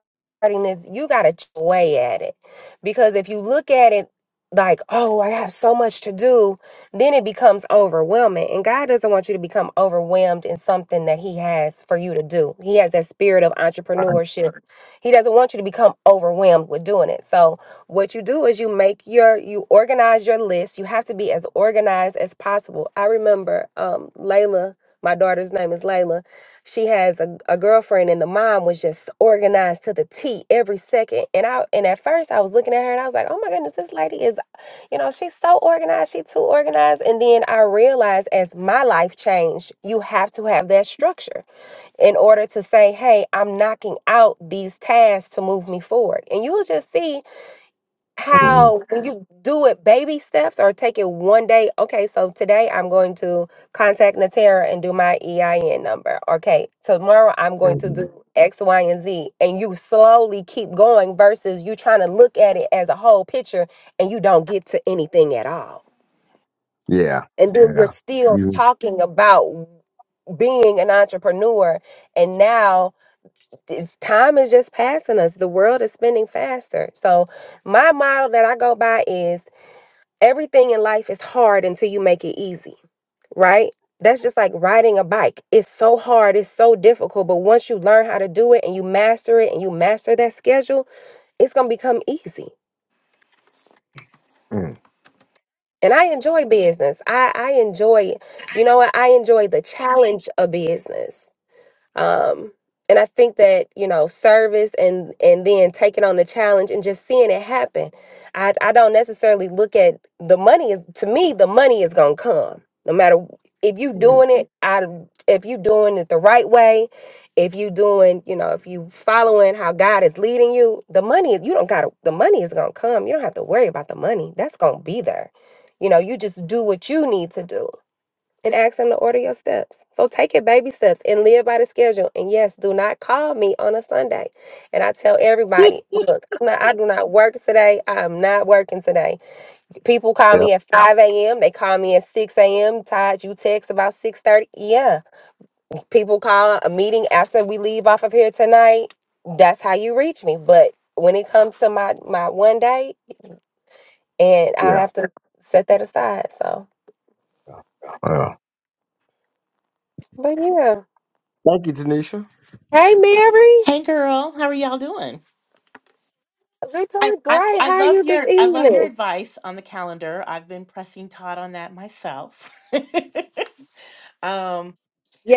this. You gotta chip away at it. Because if you look at it like, oh, I have so much to do, then it becomes overwhelming. And God doesn't want you to become overwhelmed in something that He has for you to do. He has that spirit of Right. entrepreneurship. Sure. He doesn't want you to become overwhelmed with doing it. So what you do is you make your you organize your list. You have to be as organized as possible. I remember um Layla, my daughter's name is Layla she has a, a girlfriend and the mom was just organized to the T every second. And I and at first I was looking at her and I was like, oh my goodness, this lady is, you know, she's so organized, she too organized. And then I realized as my life changed, you have to have that structure in order to say, hey, I'm knocking out these tasks to move me forward. And you will just see Mhm, how when you do it baby steps or take it one day okay so today i'm going to contact natera and do my ein number okay tomorrow i'm going to mhm. do x y and z and you slowly keep going versus you trying to look at it as a whole picture and you don't get to anything at all Yeah. and then you're Yeah. still You. talking about being an entrepreneur and now it's, time is just passing us the world is spinning faster so my model that i go by is everything in life is hard until you make it easy, right? That's just like riding a bike. It's so hard, it's so difficult, but once you learn how to do it and you master it and you master that schedule, it's going to become easy. mm, And I enjoy business. I I enjoy, you know what? I enjoy the challenge of business. um and i think that you know service and and then taking on the challenge and just seeing it happen i i don't necessarily look at the money is to me the money is gonna come no matter if you mm. doing it I if you doing it the right way if you doing you know if you following how god is leading you the money you don't gotta the money is gonna come you don't have to worry about the money that's gonna be there you know you just do what you need to do it asks him to order your steps. So take it baby steps and live by the schedule. And yes, do not call me on a Sunday. And I tell everybody, look, I'm not, I do not work today. I am not working today. People call Yep. me at 5 a.m. They call me at 6 a.m. Todd, you text about 6.30. Yeah. People call a meeting after we leave off of here tonight. That's how you reach me. But when it comes to my, my one day, and I Yeah. have to set that aside. So, Wow. but yeah. Thank you, Tanisha. Hey, Mary. Hey girl, how are y'all doing? They I, doing I great. I How are love you this your I love your evening? advice on the calendar. I've been pressing Todd on that myself. um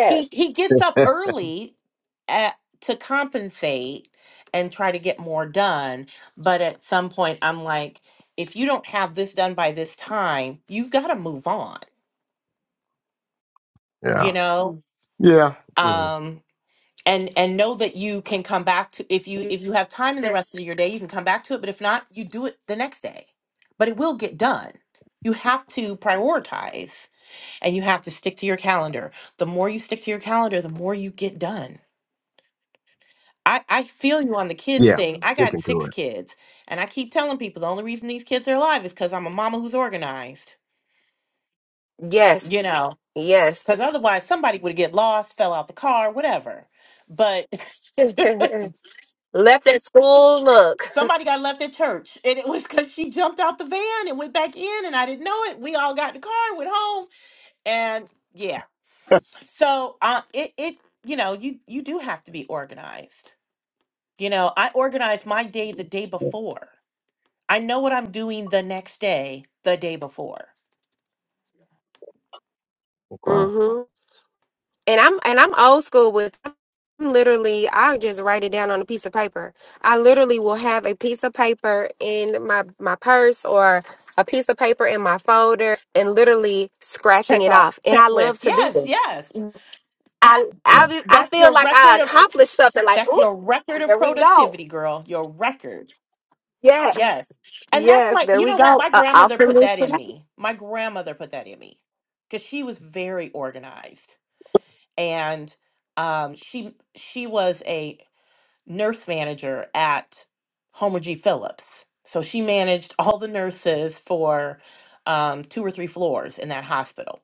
he he gets up early at, to compensate and try to get more done, but at some point I'm like if you don't have this done by this time, you've got to move on, yeah. you know? Yeah. Mm. Yeah. Um, and and know that you can come back to if you Yes. if you have time in the that- rest of your day you can come back to it but if not you do it the next day but it will get done you have to prioritize and you have to stick to your calendar the more you stick to your calendar the more you get done I, I feel you on the kids Yeah. thing. I got Sticking to six it. kids, and I keep telling people the only reason these kids are alive is because I'm a mama who's organized, Yes. you know, Yes. because otherwise somebody would get lost, fell out the car, whatever. But Left at school. Look. Somebody got left at church, and it was because she jumped out the van and went back in, and I didn't know it. We all got in the car, went home, and yeah. So uh, it it you know you you do have to be organized. You know, I organize my day the day before. I know what I'm doing the next day, the day before. Wow. hmm And I'm and I'm old school with. I'm literally, I just write it down on a piece of paper. I literally will have a piece of paper in my my purse or a piece of paper in my folder, and literally scratching Check it off off. And I checklist. love to do Yes, this. yes. I I, Yeah. be- I That's feel your like I record of accomplished something. Like, that's your oops, record of there we go. productivity, girl. Your record. Yes. Yes. And that's Yes, my, there you we know what? go. My Uh, off grandmother the put list. that in tonight. me. My grandmother put that in me because she was very organized. And um, she she was a nurse manager at Homer G. Phillips. So she managed all the nurses for um, two or three floors in that hospital.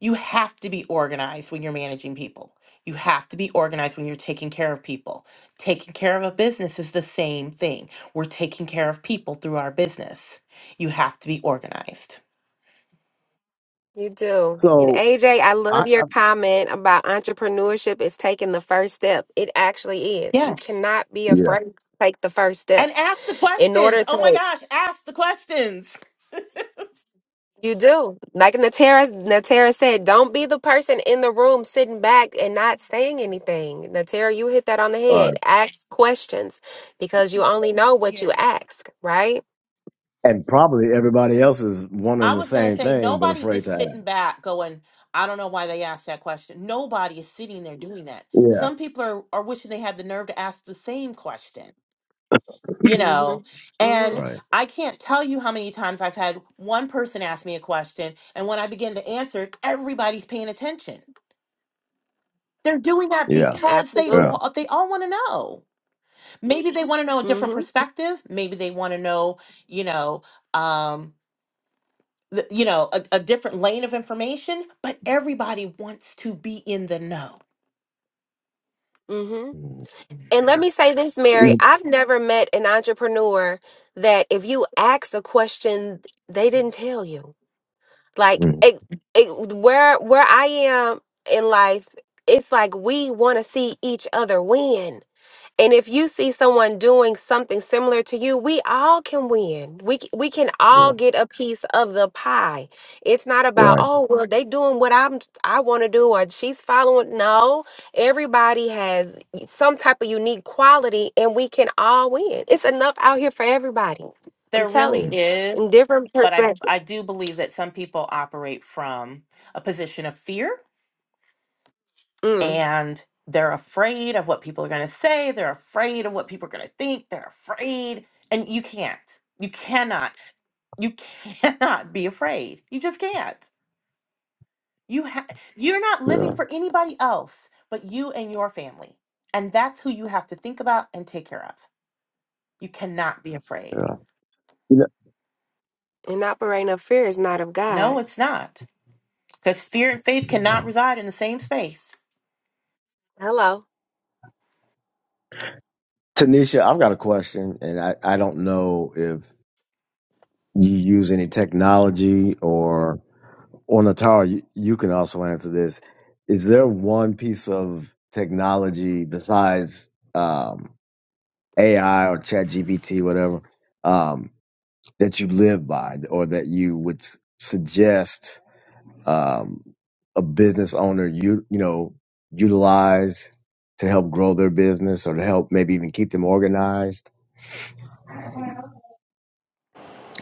You have to be organized when you're managing people. You have to be organized when you're taking care of people. Taking care of a business is the same thing. We're taking care of people through our business. You have to be organized. You do. And So AJ, I love I, I your comment about entrepreneurship is taking the first step. It actually is. You Yes. cannot be yeah. afraid to take the first step And ask the in questions. order Oh my to. gosh, ask the questions. You do. Like Natara, Natara said, don't be the person in the room sitting back and not saying anything. Natara, you hit that on the All head. right. Ask questions because you only know what you yes ask, right? And probably everybody else is wondering I the was going to same say, thing, but nobody afraid is to ask. sitting back going, I don't know why they asked that question. Nobody is sitting there doing that. Yeah. Some people are, are wishing they had the nerve to ask the same question. you know Mm-hmm. Mm-hmm. and Right. i can't tell you how many times i've had one person ask me a question and when i begin to answer it, everybody's paying attention they're doing that Yeah. because they Absolutely. Yeah. want they all want to know maybe they want to know a different Mm-hmm. perspective maybe they want to know you know um th- you know a, a different lane of information but everybody wants to be in the know Mm. And let me say this, Mary, I've never met an entrepreneur that if you ask a question, they didn't tell you. Like Mm. it, it, where where I am in life, it's like we want to see each other win. And if you see someone doing something similar to you, we all can win. We c- we can all Yeah. get a piece of the pie. It's not about Right. oh well they doing what I'm I want to do or she's following. No, everybody has some type of unique quality, and we can all win. It's enough out here for everybody. I'm there telling really Mm. you, is in different but i perspective. i do believe that some people operate from a position of fear Mm. and they're afraid of what people are going to say they're afraid of what people are going to think they're afraid and you can't you cannot you cannot be afraid you just can't you ha- you're not living Yeah. for anybody else but you and your family and that's who you have to think about and take care of you cannot be afraid Yeah. You And operating of fear is not of God. no it's not because fear and faith cannot know, reside in the same space Hello, Tanisha, I've got a question, and I, I don't know if you use any technology or Or Natara, you, you can also answer this. Is there one piece of technology besides um, AI or ChatGPT, whatever, um, that you live by, or that you would s- suggest um, a business owner you you know utilize to help grow their business, or to help maybe even keep them organized?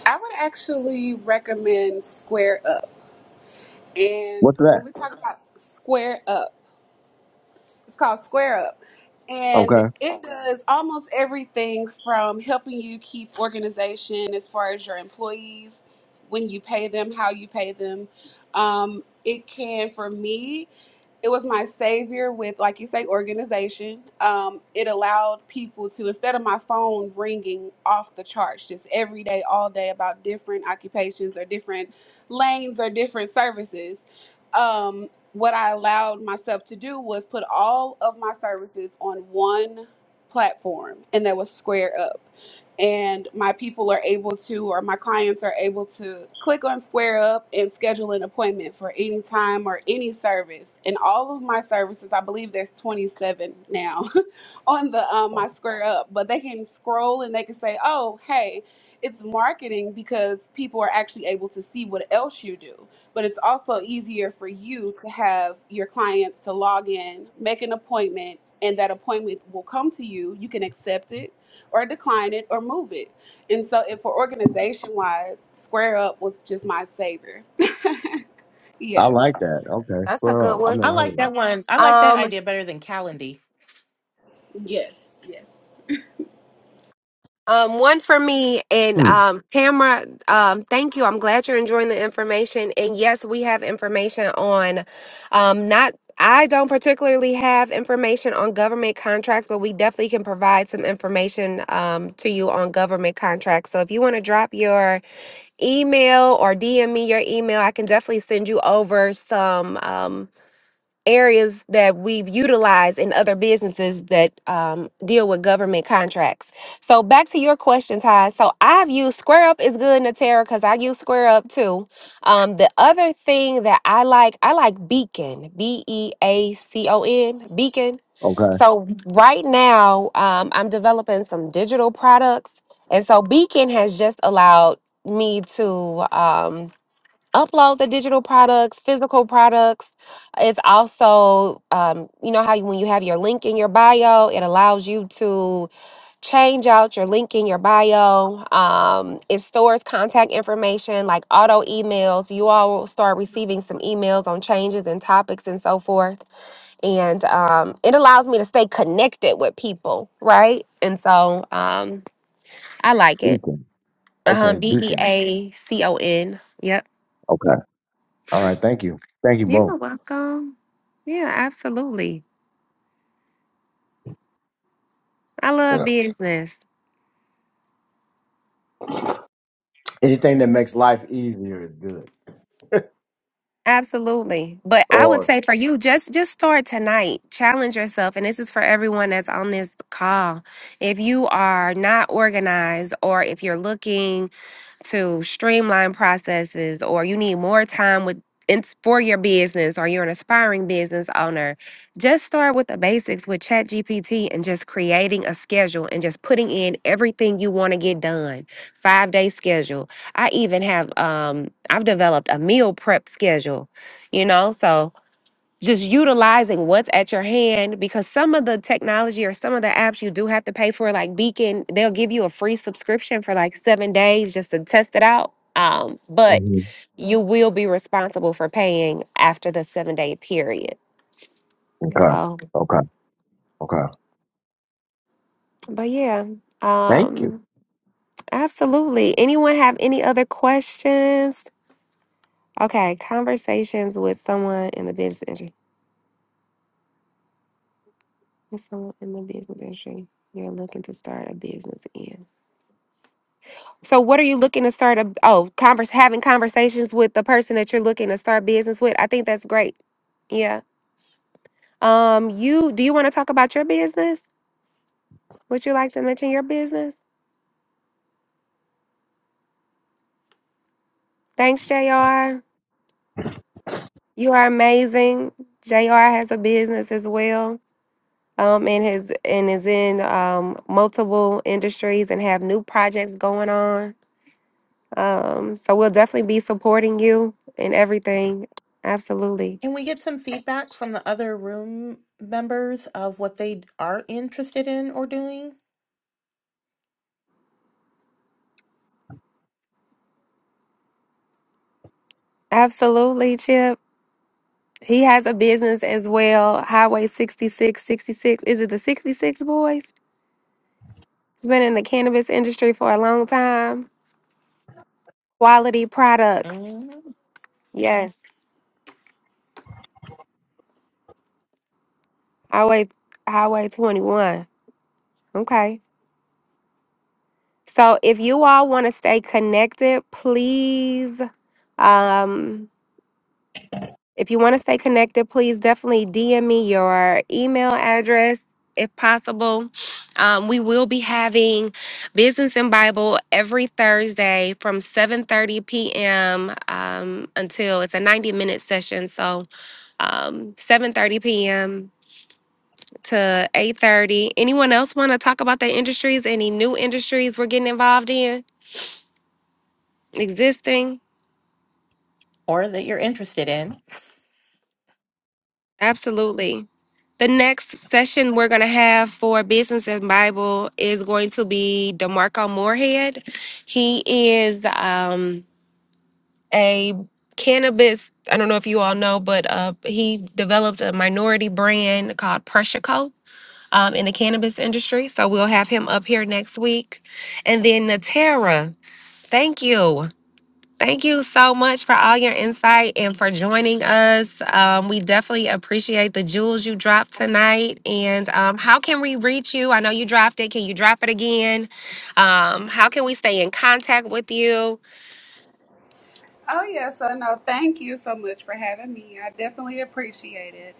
i would actually recommend square up and What's that? when we talk about square up It's called Square Up. And Okay, it does almost everything from helping you keep organization as far as your employees, when you pay them, how you pay them. Um, it can, for me, it was my savior with like you say organization um, it allowed people to instead of my phone ringing off the charts just every day all day about different occupations or different lanes or different services um, what I allowed myself to do was put all of my services on one platform, and that was Square Up. And my people are able to, or my clients are able to click on Square Up and schedule an appointment for any time or any service. And all of my services, I believe there's 27 now on the um, my Square Up, but they can scroll and they can say, oh, hey, it's marketing because people are actually able to see what else you do but it's also easier for you to have your clients to log in, make an appointment, and that appointment will come to you. You can accept it or decline it or move it. And so, if for organization wise, Square Up was just my savior. I Yes, like that. Okay, that's a spur good up. I've one. i never heard like of that. that one i like that Um, idea better than calendy yes, yes. Um, one for me and Hmm. um, Tamara. Um, thank you. I'm glad you're enjoying the information. And yes, we have information on um, not. I don't particularly have information on government contracts, but we definitely can provide some information um, to you on government contracts. So if you want to drop your email or DM me your email, I can definitely send you over some. Um, areas that we've utilized in other businesses that um, deal with government contracts. So back to your question, Ty. So I've used Square Up is good, Natera, because I use SquareUp too. Um, the other thing that I like, I like Beacon, B E A C O N, Beacon. Okay. So right now, um, I'm developing some digital products, and so Beacon has just allowed me to. Um, upload the digital products, physical products. It's also, um, you know, how you, when you have your link in your bio, it allows you to change out your link in your bio. Um, it stores contact information like auto emails. You all will start receiving some emails on changes and topics and so forth. And um, it allows me to stay connected with people, right? And so um, I like it. Beacon. Uh huh. Okay, B E Beacon. A C O N. Yep. Okay. All right. Thank you. Thank you both. You're welcome. Yeah, absolutely. I love Yeah. business. Anything that makes life easier is good. Absolutely. But I would Or say for you, just just start tonight. Challenge yourself. And this is for everyone that's on this call. If you are not organized or if you're looking to streamline processes or you need more time with it's for your business or you're an aspiring business owner just start with the basics with ChatGPT and just creating a schedule and just putting in everything you want to get done. 5-day schedule. I even have um I've developed a meal prep schedule, you know? So just utilizing what's at your hand because some of the technology or some of the apps you do have to pay for like beacon they'll give you a free subscription for like seven days just to test it out um, but Mhm. you will be responsible for paying after the seven day period okay, so okay, okay. but yeah Thank you. um absolutely anyone have any other questions okay conversations with someone in the business industry with someone in the business industry you're looking to start a business in So what are you looking to start a oh, converse having conversations with the person that you're looking to start business with? I think that's great. Yeah. Um, you do you want to talk about your business? Would you like to mention your business? Thanks, JR. You are amazing. JR has a business as well. Um, and his and is in um multiple industries and have new projects going on. Um, so we'll definitely be supporting you in everything. Absolutely. Can we get some feedback from the other room members of what they are interested in or doing? Absolutely, Chip. He has a business as well, Highway 66, 66. Is it the 66 Boys? He's been in the cannabis industry for a long time. Quality products. Mhm. Yes. Highway Highway 21. Okay. So if you all want to stay connected, please um If you want to stay connected, please definitely DM me your email address if possible. Um, we will be having Business and Bible every Thursday from 7:30 p.m. Um, until it's a 90-minute session. So um, 7:30 p.m. to 8:30. Anyone else want to talk about their industries? Any new industries we're getting involved in? Existing? Or that you're interested in? Absolutely. The next session we're going to have for Business and Bible is going to be DeMarco Moorhead. He is um, a cannabis, I don't know if you all know, but uh, he developed a minority brand called Pressure Co. Um, in the cannabis industry. So we'll have him up here next week. And then Natera, thank you. Thank you so much for all your insight and for joining us. Um, we definitely appreciate the jewels you dropped tonight. And um, how can we reach you? I know you dropped it. Can you drop it again? Um, how can we stay in contact with you? Oh, yeah. So, no, thank you so much for having me. I definitely appreciate it.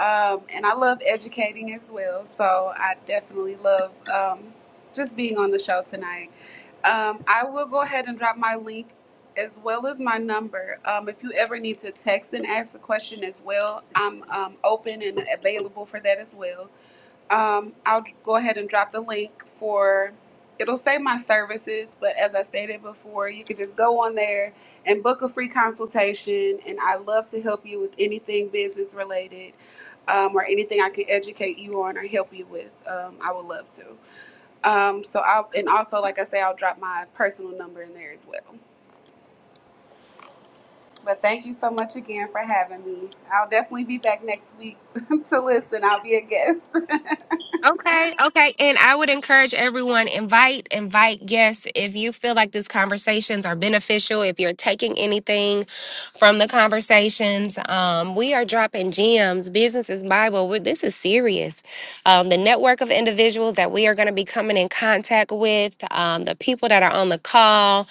Um, and I love educating as well. So, I definitely love um, just being on the show tonight. Um, I will go ahead and drop my link as well as my number. Um, if you ever need to text and ask a question as well, I'm um, open and available for that as well. Um, I'll go ahead and drop the link for. It'll say my services, but as I stated before, you could just go on there and book a free consultation. And I love to help you with anything business related um, or anything I can educate you on or help you with. Um, I would love to. Um, so I'll and also like I say, I'll drop my personal number in there as well. But thank you so much again for having me. I'll definitely be back next week to listen. I'll be a guest. Okay, okay. And I would encourage everyone invite invite guests if you feel like these conversations are beneficial, if you're taking anything from the conversations. Um, we are dropping gems, business is Bible. we this is serious. Um, the network of individuals that we are going to be coming in contact with, um, the people that are on the call,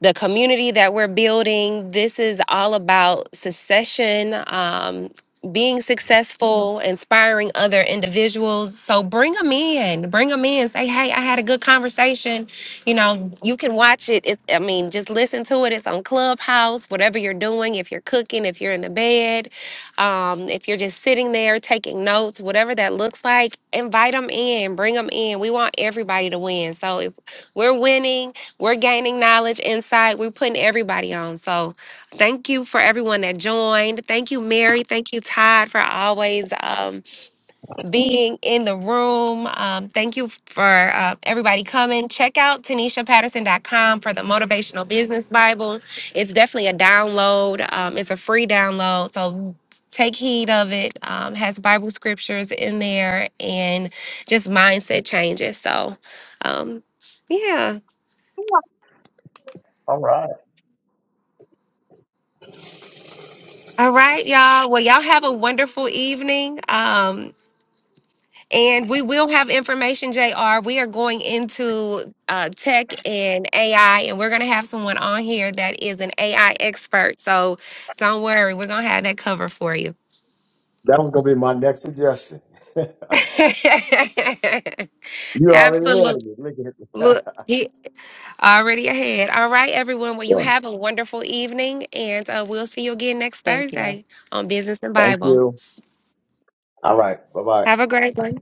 the community that we're building. This is all about succession, um, being successful, inspiring other individuals. So bring them in, bring them in. Say, hey, I had a good conversation. You know, you can watch it. it. I mean, just listen to it. It's on Clubhouse, whatever you're doing, if you're cooking, if you're in the bed, um, if you're just sitting there taking notes, whatever that looks like, invite them in, bring them in. We want everybody to win. So if we're winning, we're gaining knowledge, insight. We're putting everybody on. So, thank you for everyone that joined. Thank you, Mary. Thank you, Todd, for always um, being in the room. Um, thank you for uh, everybody coming. Check out tanisha patterson dot com for the Motivational Business Bible. It's definitely a download, um, it's a free download. So, take heed of it. Um, has Bible scriptures in there and just mindset changes. So, um, yeah. All right. All right, y'all. Well, y'all have a wonderful evening. Um, and we will have information, JR. We are going into uh, tech and AI, and we're going to have someone on here that is an AI expert. So don't worry, we're going to have that covered for you. That was gonna be my next suggestion. you already had Absolutely. it. Look at it. Look, he already ahead. All right, everyone. Well, you All right. have a wonderful evening, and uh, we'll see you again next Thank you. Thursday on Business and Thank Bible. you. All right. Bye bye. Have a great one.